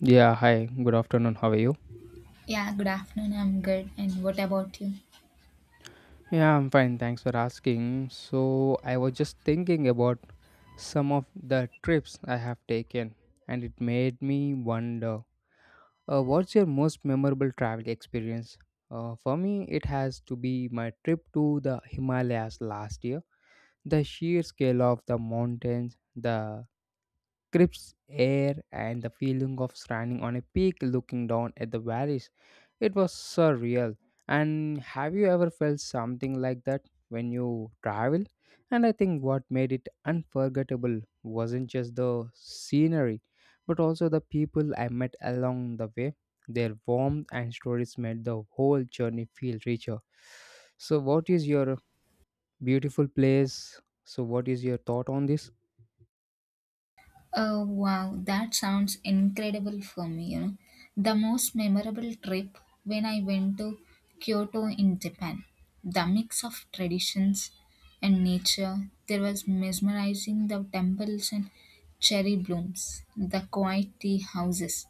Yeah, hi. Good afternoon. How are you? Yeah, good afternoon. I'm good. And what about you? Yeah, I'm fine. Thanks for asking. So, I was just thinking about some of the trips I have taken, and it made me wonder what's your most memorable travel experience? For me, it has to be my trip to the Himalayas last year. The sheer scale of the mountains, the crisp air and the feeling of standing on a peak looking down at the valleys. It was surreal. And have you ever felt something like that when you travel? And I think what made it unforgettable wasn't just the scenery, but also the people I met along the way. Their warmth and stories made the whole journey feel richer. So, what is your beautiful place? So, what is your thought on this? Oh, wow. That sounds incredible for me. The most memorable trip when I went to Kyoto in Japan. The mix of traditions and nature. There was mesmerizing the temples and cherry blooms, the quiet tea houses.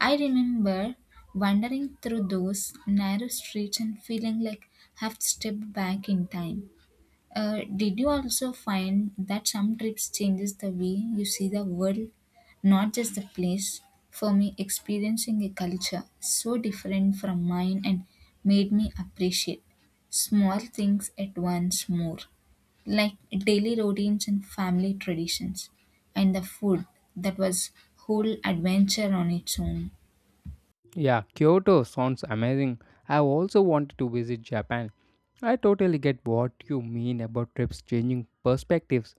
I remember wandering through those narrow streets and feeling like I've stepped back in time. Did you also find that some trips changes the way you see the world, not just the place? For me, experiencing a culture so different from mine and made me appreciate small things at once more, like daily routines and family traditions, and the food that was whole adventure on its own. Yeah, Kyoto sounds amazing. I also wanted to visit Japan. I totally get what you mean about trips changing perspectives.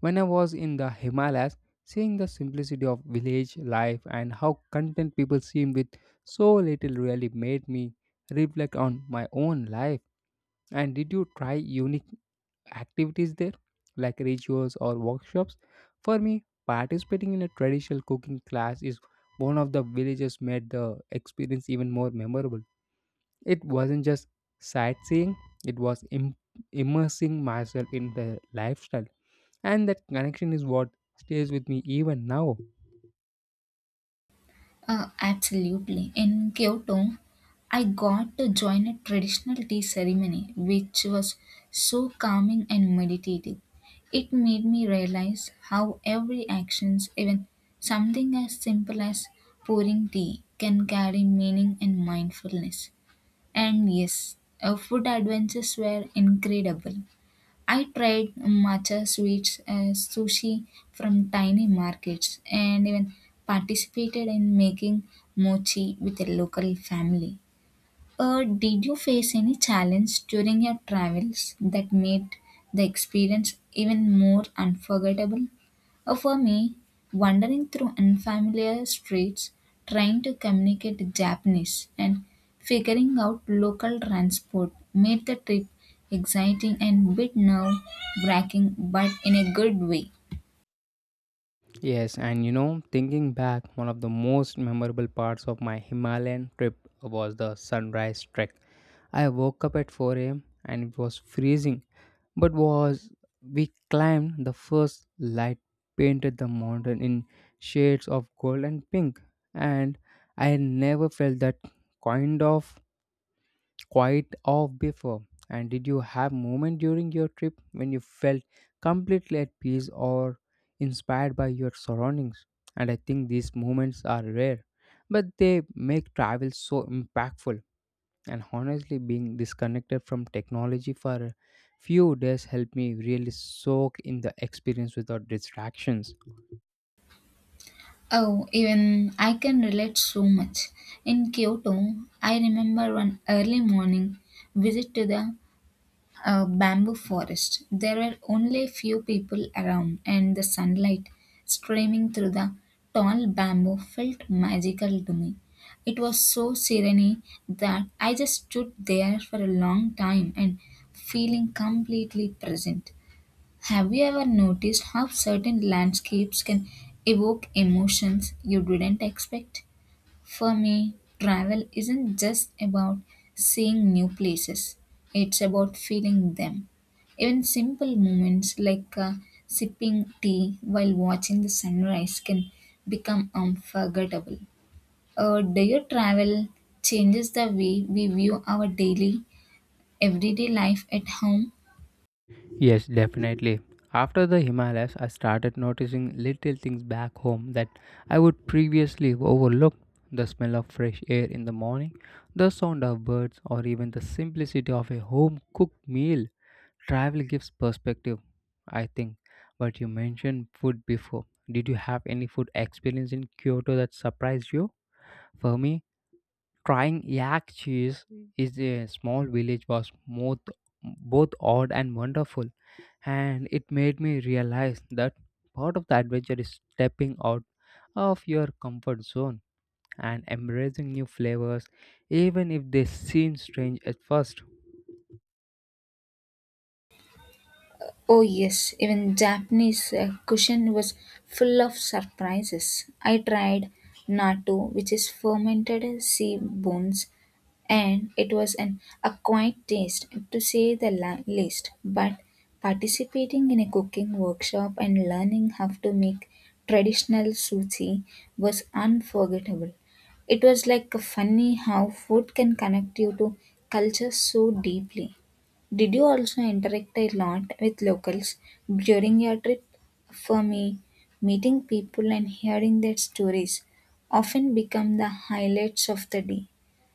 When I was in the Himalayas, seeing the simplicity of village life and how content people seem with so little really made me reflect on my own life. And did you try unique activities there, like rituals or workshops? For me, participating in a traditional cooking class is one of the villages made the experience even more memorable. It wasn't just sightseeing, it was immersing myself in the lifestyle. And that connection is what stays with me even now. Absolutely. In Kyoto, I got to join a traditional tea ceremony, which was so calming and meditative. It made me realize how every actions, even something as simple as pouring tea, can carry meaning and mindfulness. And yes, our food adventures were incredible. I tried matcha sweets, sushi from tiny markets, and even participated in making mochi with a local family. Did you face any challenge during your travels that made the experience even more unforgettable? For me, wandering through unfamiliar streets, trying to communicate Japanese, and figuring out local transport made the trip exciting and bit nerve-wracking, but in a good way. Yes, and you know, thinking back, one of the most memorable parts of my Himalayan trip was the sunrise trek. I woke up at 4 a.m. and it was freezing, but was we climbed the first light painted the mountain in shades of gold and pink, and I never felt that kind of quite off before? And did you have moment during your trip when you felt completely at peace or inspired by your surroundings? And I think these moments are rare, but they make travel so impactful. And honestly, being disconnected from technology for a few days helped me really soak in the experience without distractions. Oh, even I can relate so much. In Kyoto, I remember one early morning visit to the a bamboo forest. There were only a few people around, and the sunlight streaming through the tall bamboo felt magical to me. It was so serene that I just stood there for a long time and feeling completely present. Have you ever noticed how certain landscapes can evoke emotions you didn't expect? For me, travel isn't just about seeing new places, it's about feeling them. Even simple moments like sipping tea while watching the sunrise can become unforgettable. Do your travel changes the way we view our daily, everyday life at home? Yes, definitely. After the Himalayas, I started noticing little things back home that I would previously overlook. The smell of fresh air in the morning, the sound of birds, or even the simplicity of a home cooked meal. Travel gives perspective, I think. But you mentioned food before. Did you have any food experience in Kyoto that surprised you? For me, trying yak cheese is a small village was both odd and wonderful and it made me realize that part of the adventure is stepping out of your comfort zone and embracing new flavors, even if they seem strange at first. Oh yes, even Japanese cushion was full of surprises. I tried natto, which is fermented sea bones and it was an acquired taste to say the least. But participating in a cooking workshop and learning how to make traditional sushi was unforgettable. It was like funny how food can connect you to culture so deeply. Did you also interact a lot with locals during your trip? For me, meeting people and hearing their stories often become the highlights of the day.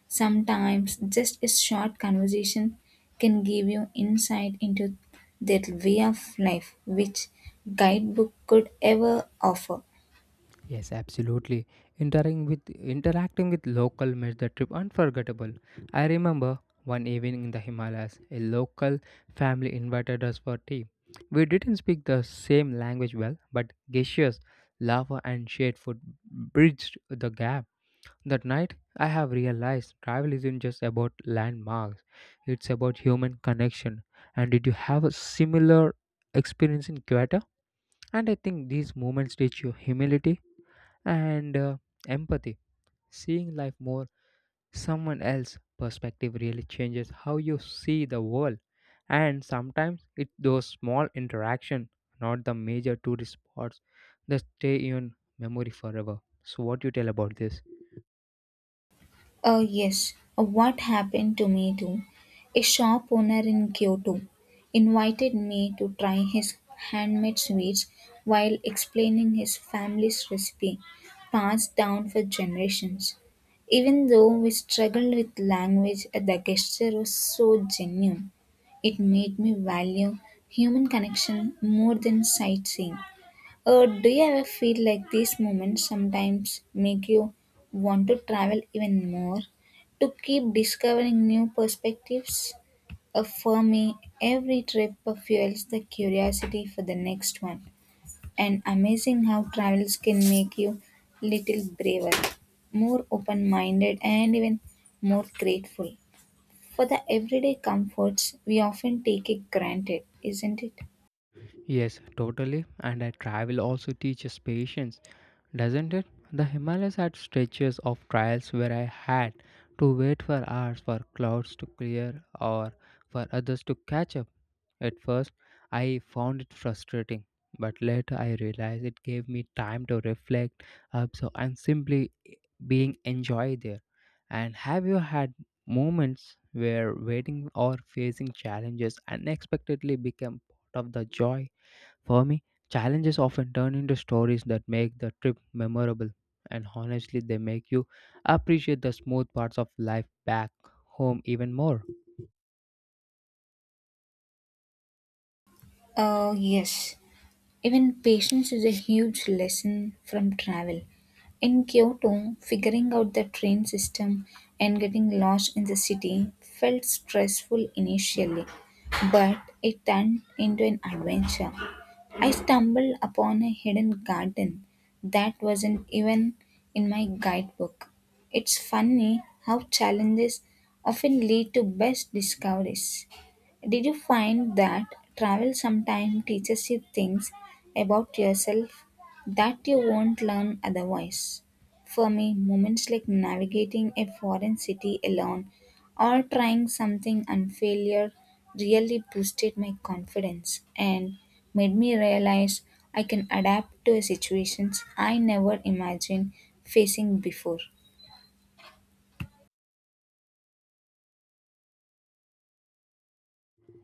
Sometimes just a short conversation can give you insight into their way of life, which guidebook could ever offer. Yes, absolutely. Interacting with local made the trip unforgettable. I remember one evening in the Himalayas, a local family invited us for tea. We didn't speak the same language well, but gestures, laughter, and shared food bridged the gap. That night, I have realized travel isn't just about landmarks, it's about human connection. And did you have a similar experience in Kyoto? And I think these moments teach you humility and empathy. Seeing life more someone else's perspective really changes how you see the world. And sometimes it's those small interactions, not the major tourist spots, that stay in memory forever. So, what do you tell about this? Yes, what happened to me too. A shop owner in Kyoto invited me to try his handmade sweets while explaining his family's recipe passed down for generations. Even though we struggled with language, the gesture was so genuine. It made me value human connection more than sightseeing. Do you ever feel like these moments sometimes make you want to travel even more to keep discovering new perspectives? For me, every trip fuels the curiosity for the next one, and amazing how travels can make you little braver, more open-minded, and even more grateful for the everyday comforts we often take it granted, isn't it? Yes, totally. And travel also teaches patience, doesn't it? The Himalayas had stretches of trials where I had to wait for hours for clouds to clear or for others to catch up. At first, I found it frustrating, but later I realized it gave me time to reflect, absorb, and simply being enjoy there. And have you had moments where waiting or facing challenges unexpectedly became part of the joy? For me, challenges often turn into stories that make the trip memorable, and honestly, they make you appreciate the smooth parts of life back home even more. Yes. Even patience is a huge lesson from travel. In Kyoto, figuring out the train system and getting lost in the city felt stressful initially, but it turned into an adventure. I stumbled upon a hidden garden that wasn't even in my guidebook. It's funny how challenges often lead to best discoveries. Did you find that travel sometimes teaches you things about yourself that you won't learn otherwise? For me, moments like navigating a foreign city alone or trying something and failure really boosted my confidence and made me realize I can adapt to situations I never imagined facing before.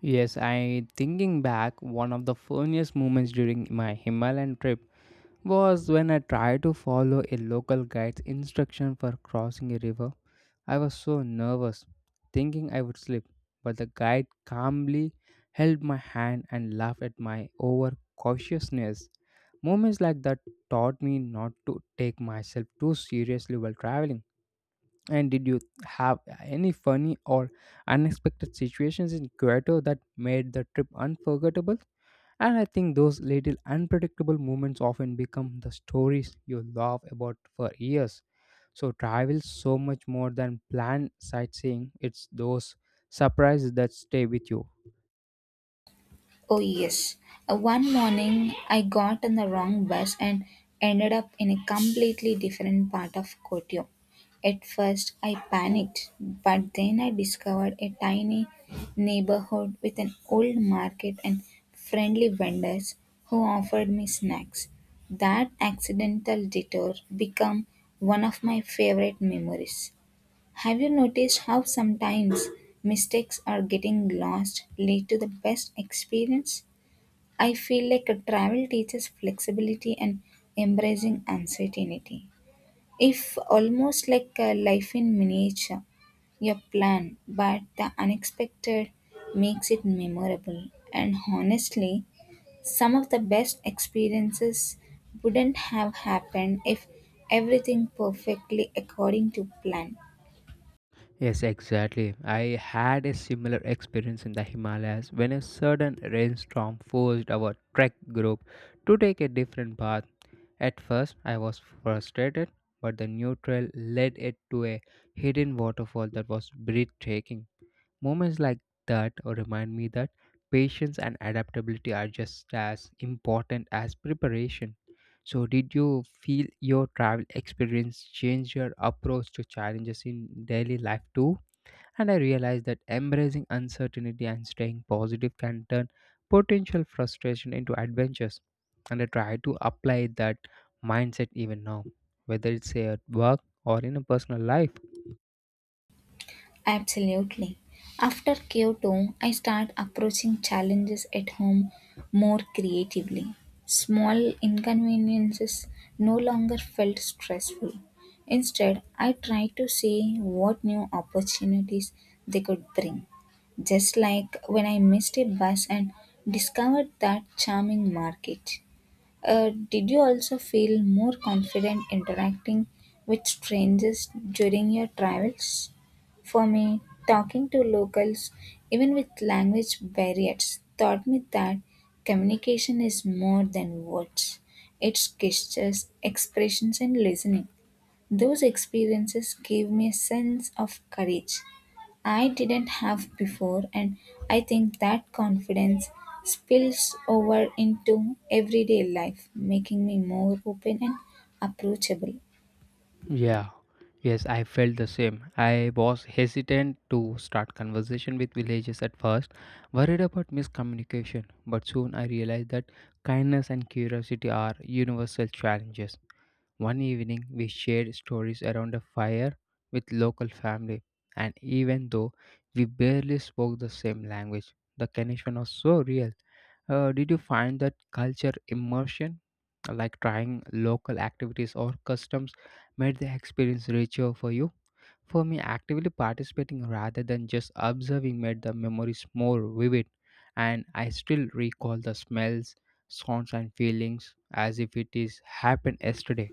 Yes, I thinking back, one of the funniest moments during my Himalayan trip was when I tried to follow a local guide's instruction for crossing a river I was so nervous, thinking I would slip, but the guide calmly held my hand and laughed at my overcautiousness. Moments like that taught me not to take myself too seriously while traveling. And did you have any funny or unexpected situations in Kyoto that made the trip unforgettable? And I think those little unpredictable moments often become the stories you laugh about for years. So travel so much more than planned sightseeing. It's those surprises that stay with you. Oh, yes. One morning, I got on the wrong bus and ended up in a completely different part of Kotyo. At first, I panicked, but then I discovered a tiny neighborhood with an old market and friendly vendors who offered me snacks. That accidental detour became one of my favorite memories. Have you noticed how sometimes mistakes or getting lost lead to the best experience? I feel like a travel teaches flexibility and embracing uncertainty. If almost like a life in miniature, your plan, but the unexpected makes it memorable. And honestly, some of the best experiences wouldn't have happened if everything perfectly according to plan. Yes, exactly. I had a similar experience in the Himalayas when a sudden rainstorm forced our trek group to take a different path. At first, I was frustrated, but the new trail led it to a hidden waterfall that was breathtaking. Moments like that remind me that patience and adaptability are just as important as preparation. So, did you feel your travel experience changed your approach to challenges in daily life too? And I realized that embracing uncertainty and staying positive can turn potential frustration into adventures. And I try to apply that mindset even now, whether it's at work or in a personal life. Absolutely. After Kyoto, I start approaching challenges at home more creatively. Small inconveniences no longer felt stressful. Instead, I tried to see what new opportunities they could bring. Just like when I missed a bus and discovered that charming market. Did you also feel more confident interacting with strangers during your travels? For me, talking to locals, even with language barriers, taught me that communication is more than words. It's gestures, expressions, and listening. Those experiences gave me a sense of courage I didn't have before, and I think that confidence spills over into everyday life, making me more open and approachable. Yeah, yes, I felt the same. I was hesitant to start conversation with villagers at first, worried about miscommunication, but soon I realized that kindness and curiosity are universal challenges. One evening, we shared stories around a fire with local family, and even though we barely spoke the same language, the connection was so real. Did you find that culture immersion, like trying local activities or customs, made the experience richer for you? For me, actively participating rather than just observing made the memories more vivid, and I still recall the smells, sounds, and feelings as if it is happened yesterday.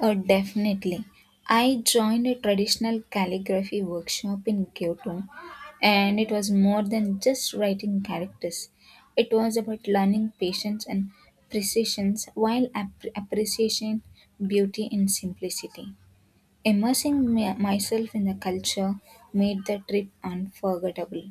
Oh, definitely. I joined a traditional calligraphy workshop in Kyoto, and it was more than just writing characters. It was about learning patience and precision while appreciation beauty and simplicity. Immersing myself in the culture made the trip unforgettable.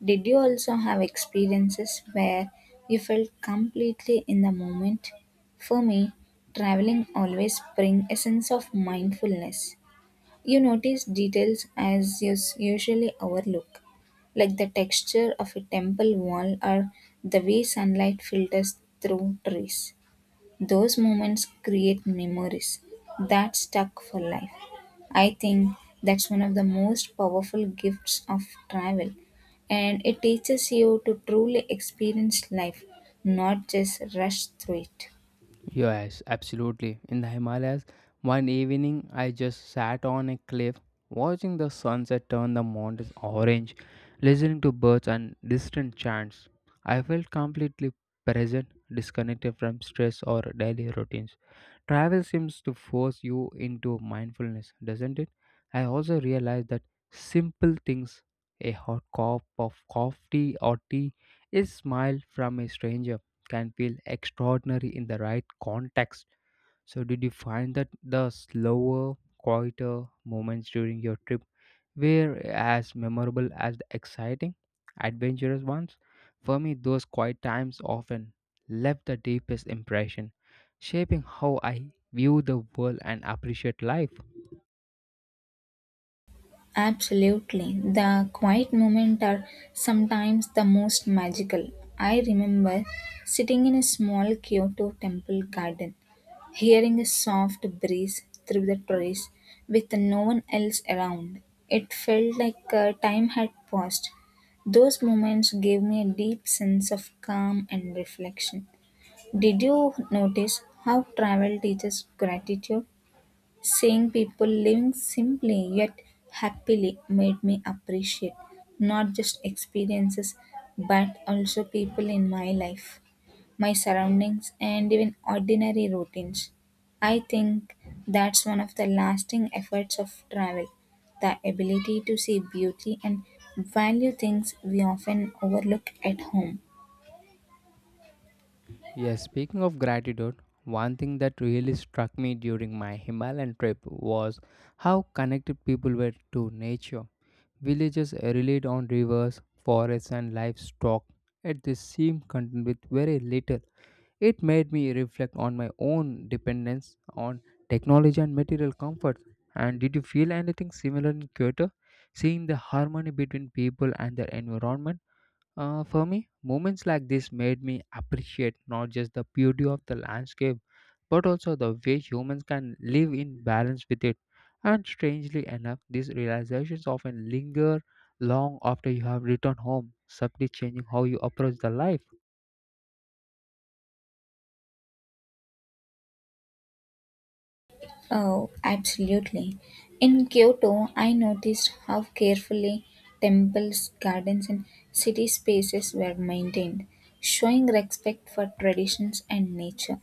Did you also have experiences where you felt completely in the moment? For me, traveling always brings a sense of mindfulness. You notice details as you usually overlook, like the texture of a temple wall or the way sunlight filters through trees. Those moments create memories that stuck for life. I think that's one of the most powerful gifts of travel. And it teaches you to truly experience life, not just rush through it. Yes, absolutely. In the Himalayas, one evening I just sat on a cliff watching the sunset turn the mountains orange, listening to birds and distant chants. I felt completely present, disconnected from stress or daily routines. Travel seems to force you into mindfulness, doesn't it? I also realize that simple things, a hot cup of coffee or tea, a smile from a stranger, can feel extraordinary in the right context. So, did you find that the slower, quieter moments during your trip were as memorable as the exciting, adventurous ones? For me, those quiet times often left the deepest impression, shaping how I view the world and appreciate life. Absolutely. The quiet moments are sometimes the most magical. I remember sitting in a small Kyoto temple garden, hearing a soft breeze through the trees with no one else around. It felt like time had paused. Those moments gave me a deep sense of calm and reflection. Did you notice how travel teaches gratitude? Seeing people living simply yet happily made me appreciate not just experiences but also people in my life, my surroundings, and even ordinary routines. I think that's one of the lasting effects of travel the ability to see beauty and value things we often overlook at home. Yes, speaking of gratitude, one thing that really struck me during my Himalayan trip was how connected people were to nature. Villages relied on rivers, forests, and livestock, yet they seemed content with very little. It made me reflect on my own dependence on technology and material comfort. And did you feel anything similar in Kyoto? Seeing the harmony between people and their environment? For me, moments like this made me appreciate not just the beauty of the landscape, but also the way humans can live in balance with it. And strangely enough, these realizations often linger long after you have returned home, subtly changing how you approach the life. Oh, absolutely. In Kyoto, I noticed how carefully temples, gardens, and city spaces were maintained, showing respect for traditions and nature.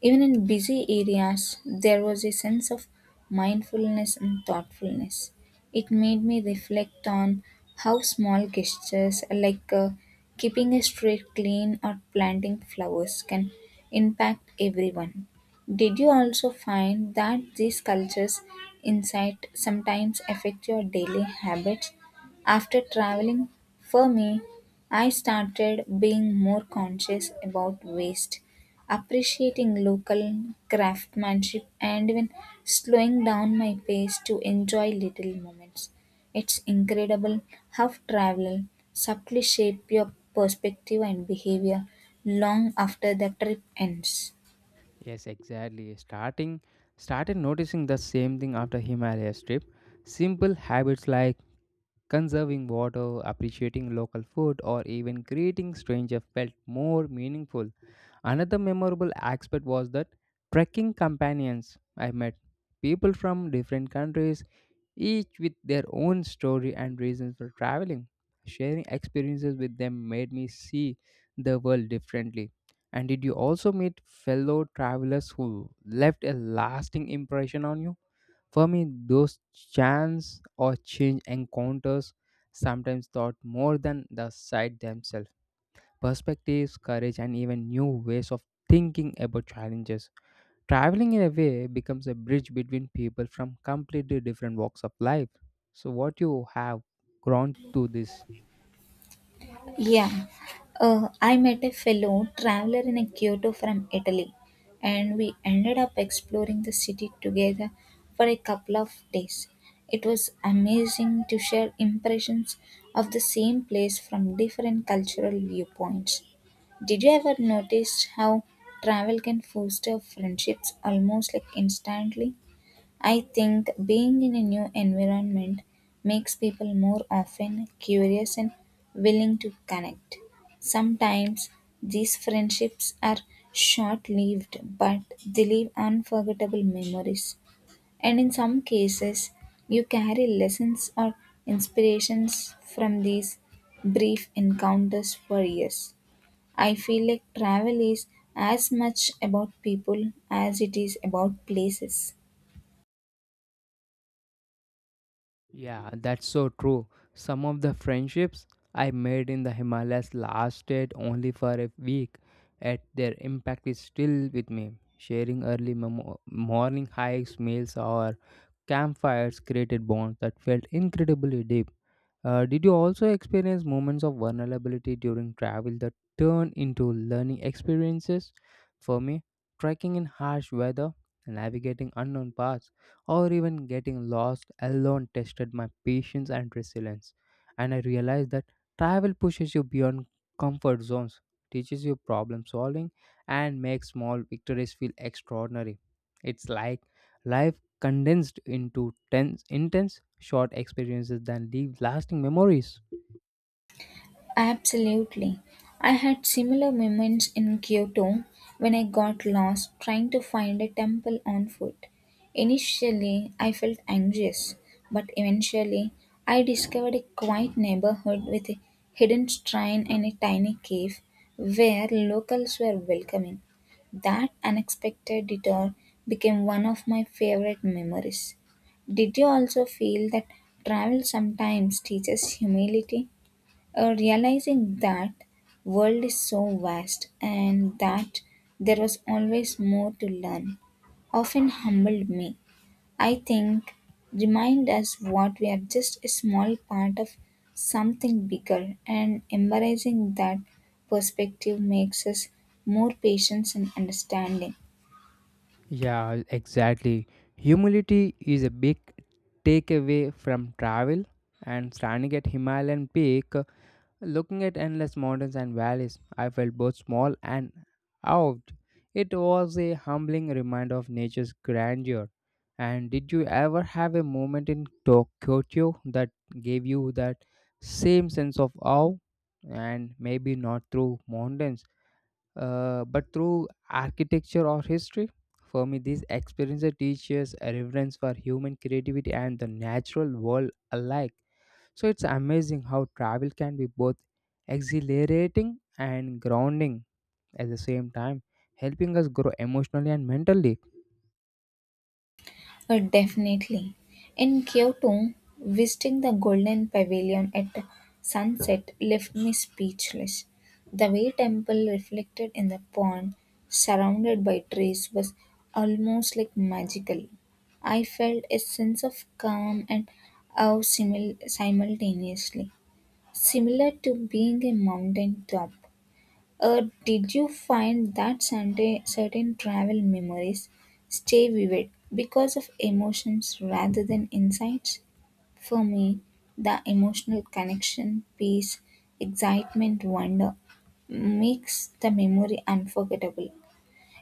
Even in busy areas, there was a sense of mindfulness and thoughtfulness. It made me reflect on how small gestures like keeping a street clean or planting flowers can impact everyone. Did you also find that these cultures' insight sometimes affect your daily habits? After traveling, for me, I started being more conscious about waste, appreciating local craftsmanship, and even slowing down my pace to enjoy little moments. It's incredible how travel subtly shape your perspective and behavior long after the trip ends. Yes, exactly. Starting Started noticing the same thing after Himalayas trip. Simple habits like conserving water, appreciating local food, or even greeting stranger felt more meaningful. Another memorable aspect was that trekking companions I met. People from different countries each with their own story and reasons for traveling. Sharing experiences with them made me see the world differently. And did you also meet fellow travelers who left a lasting impression on you? For me, those chance or change encounters sometimes taught more than the sight themselves. Perspectives, courage, and even new ways of thinking about challenges. Traveling in a way becomes a bridge between people from completely different walks of life. So, what you have grown to this? Yeah, I met a fellow traveler in a Kyoto from Italy, and we ended up exploring the city together for a couple of days. It was amazing to share impressions of the same place from different cultural viewpoints. Did you ever notice how travel can foster friendships almost like instantly? I think being in a new environment makes people more often curious and willing to connect. Sometimes these friendships are short lived, but they leave unforgettable memories. And in some cases, you carry lessons or inspirations from these brief encounters for years. I feel like travel is as much about people as it is about places. Yeah, that's so true. Some of the friendships I made in the Himalayas lasted only for a week, yet their impact is still with me. Sharing early morning hikes, meals, or campfires created bonds that felt incredibly deep. Did you also experience moments of vulnerability during travel that turn into learning experiences? For me, trekking in harsh weather, navigating unknown paths, or even getting lost alone tested my patience and resilience. And I realized that travel pushes you beyond comfort zones, teaches you problem solving, and makes small victories feel extraordinary. It's like life condensed into intense, short experiences that leave lasting memories. Absolutely. I had similar moments in Kyoto when I got lost trying to find a temple on foot. Initially, I felt anxious, but eventually, I discovered a quiet neighborhood with a hidden shrine and a tiny cave where locals were welcoming. That unexpected detour became one of my favorite memories. Did you also feel that travel sometimes teaches humility? Realizing that world is so vast and that there was always more to learn often humbled me. I think remind us what we are just a small part of something bigger, and embracing that perspective makes us more patient and understanding. Yeah, exactly. Humility is a big takeaway from travel, and standing at Himalayan peak looking at endless mountains and valleys, I felt both small and awed. It was a humbling reminder of nature's grandeur. And did you ever have a moment in Tokyo that gave you that same sense of awe? And maybe not through mountains, but through architecture or history? For me, these experiences teach us a reverence for human creativity and the natural world alike. So it's amazing how travel can be both exhilarating and grounding at the same time, helping us grow emotionally and mentally. Definitely. In Kyoto, visiting the Golden Pavilion at sunset left me speechless. The way temple reflected in the pond, surrounded by trees, was almost like magical. I felt a sense of calm and awe simultaneously, similar to being a mountain top. Did you find that Sunday certain travel memories stay vivid because of emotions rather than insights? For me, the emotional connection, peace, excitement, wonder makes the memory unforgettable.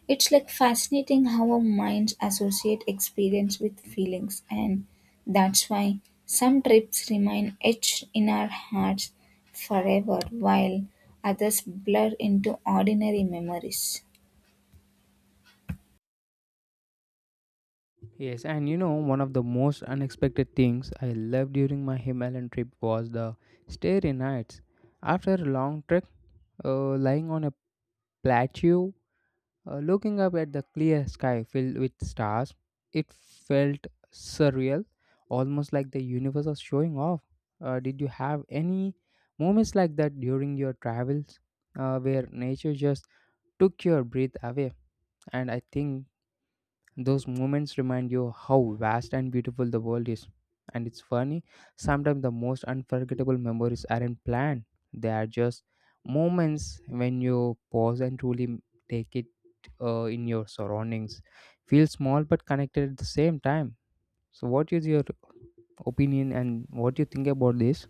It's like fascinating how our minds associate experience with feelings, and that's why some trips remain etched in our hearts forever, while others blur into ordinary memories. Yes, and you know, one of the most unexpected things I loved during my Himalayan trip was the starry nights. After a long trek, lying on a plateau looking up at the clear sky filled with stars, it felt surreal, almost like the universe was showing off. Did you have any moments like that during your travels where nature just took your breath away? And I think those moments remind you how vast and beautiful the world is. And it's funny, sometimes the most unforgettable memories aren't planned, they are just moments when you pause and truly take it in your surroundings. Feel small but connected at the same time. So, what is your opinion and what do you think about this?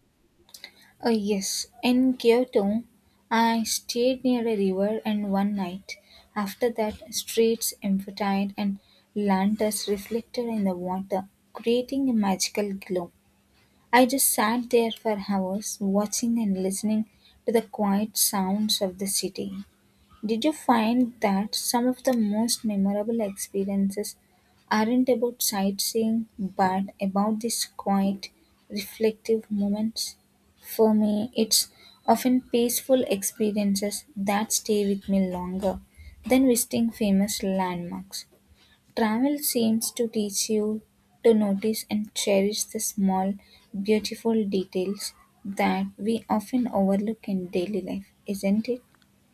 Oh, yes. In Kyoto, I stayed near a river and one night. After that, streets emptied and lanterns reflected in the water, creating a magical glow. I just sat there for hours watching and listening to the quiet sounds of the city. Did you find that some of the most memorable experiences aren't about sightseeing but about these quiet, reflective moments? For me, it's often peaceful experiences that stay with me longer than visiting famous landmarks. Travel seems to teach you to notice and cherish the small, beautiful details that we often overlook in daily life, isn't it?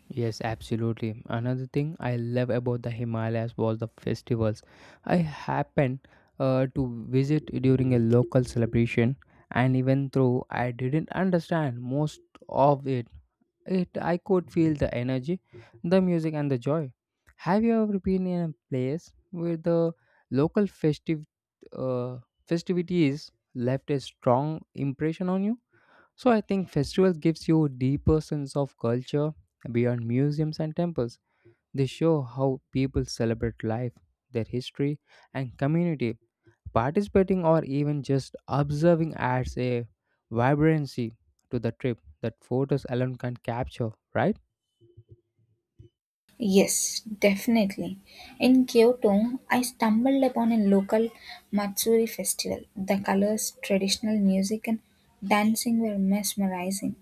Yes, absolutely. Another thing I love about the Himalayas was the festivals. I happened to visit during a local celebration, and even though I didn't understand most of it, it I could feel the energy, the music, and the joy. Have you ever been in a place where the local festive uh, festivities left a strong impression on you? So I think festival gives you a deeper sense of culture beyond museums and temples. They show how people celebrate life, their history, and community. Participating or even just observing adds a vibrancy to the trip that photos alone can't capture, right? Yes, definitely. In Kyoto, I stumbled upon a local Matsuri festival. The colors, traditional music, and dancing were mesmerizing.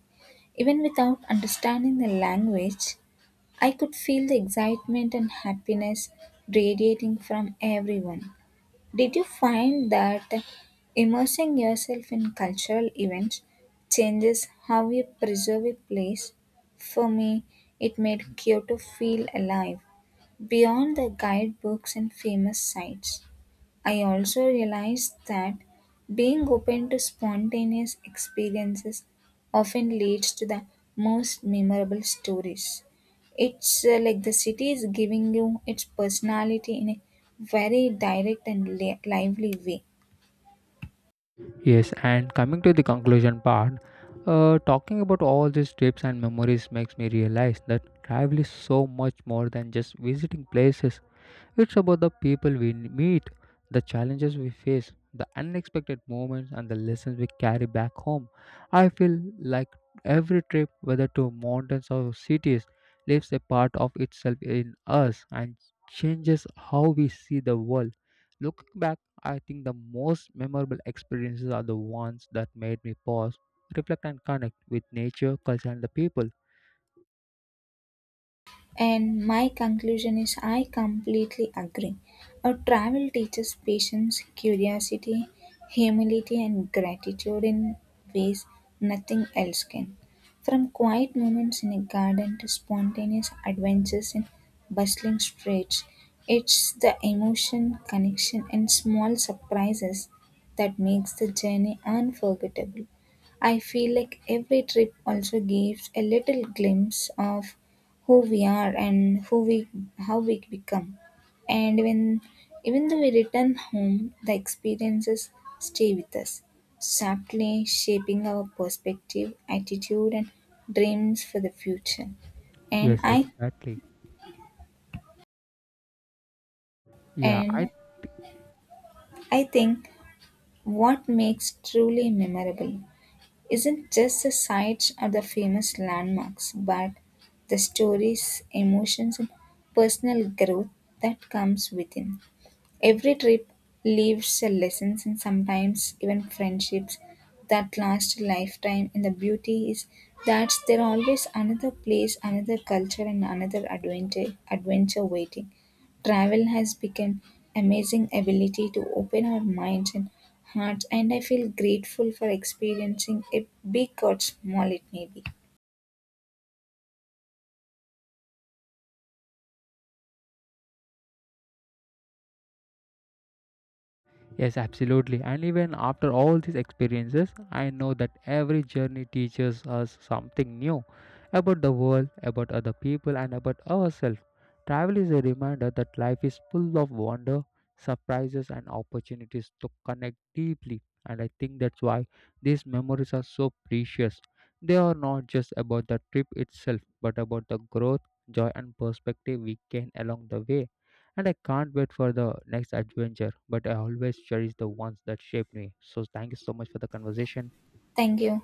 Even without understanding the language, I could feel the excitement and happiness radiating from everyone. Did you find that immersing yourself in cultural events changes how you preserve a place? For me, it made Kyoto feel alive, beyond the guidebooks and famous sites. I also realized that being open to spontaneous experiences often leads to the most memorable stories. It's like the city is giving you its personality in a very direct and lively way. Yes, and coming to the conclusion part, talking about all these trips and memories makes me realize that travel is so much more than just visiting places. It's about the people we meet, the challenges we face, the unexpected moments, and the lessons we carry back home. I feel like every trip, whether to mountains or cities, leaves a part of itself in us and changes how we see the world. Looking back, I think the most memorable experiences are the ones that made me pause, reflect, and connect with nature, culture, and the people. And my conclusion is I completely agree. A travel teaches patience, curiosity, humility, and gratitude in ways nothing else can. From quiet moments in a garden to spontaneous adventures in bustling streets, it's the emotion, connection, and small surprises that makes the journey unforgettable. I feel like every trip also gives a little glimpse of who we are and who we how we become, and when even though we return home, the experiences stay with us, subtly shaping our perspective attitude and dreams for the future. and Yes, i exactly. Yeah, I. and i think what makes truly memorable isn't just the sights or the famous landmarks but the stories, emotions, and personal growth that comes within. Every trip leaves a lessons and sometimes even friendships that last a lifetime. And the beauty is that there are always another place, another culture, and another adventure waiting. Travel has become amazing ability to open our minds and hearts, and I feel grateful for experiencing it, big or small it may be. Yes, absolutely. And even after all these experiences, I know that every journey teaches us something new about the world, about other people, and about ourselves. Travel is a reminder that life is full of wonder, surprises, and opportunities to connect deeply. And I think that's why these memories are so precious. They are not just about the trip itself, but about the growth, joy, and perspective we gain along the way and I can't wait for the next adventure. But I always cherish the ones that shaped me. So thank you so much for the conversation. Thank you.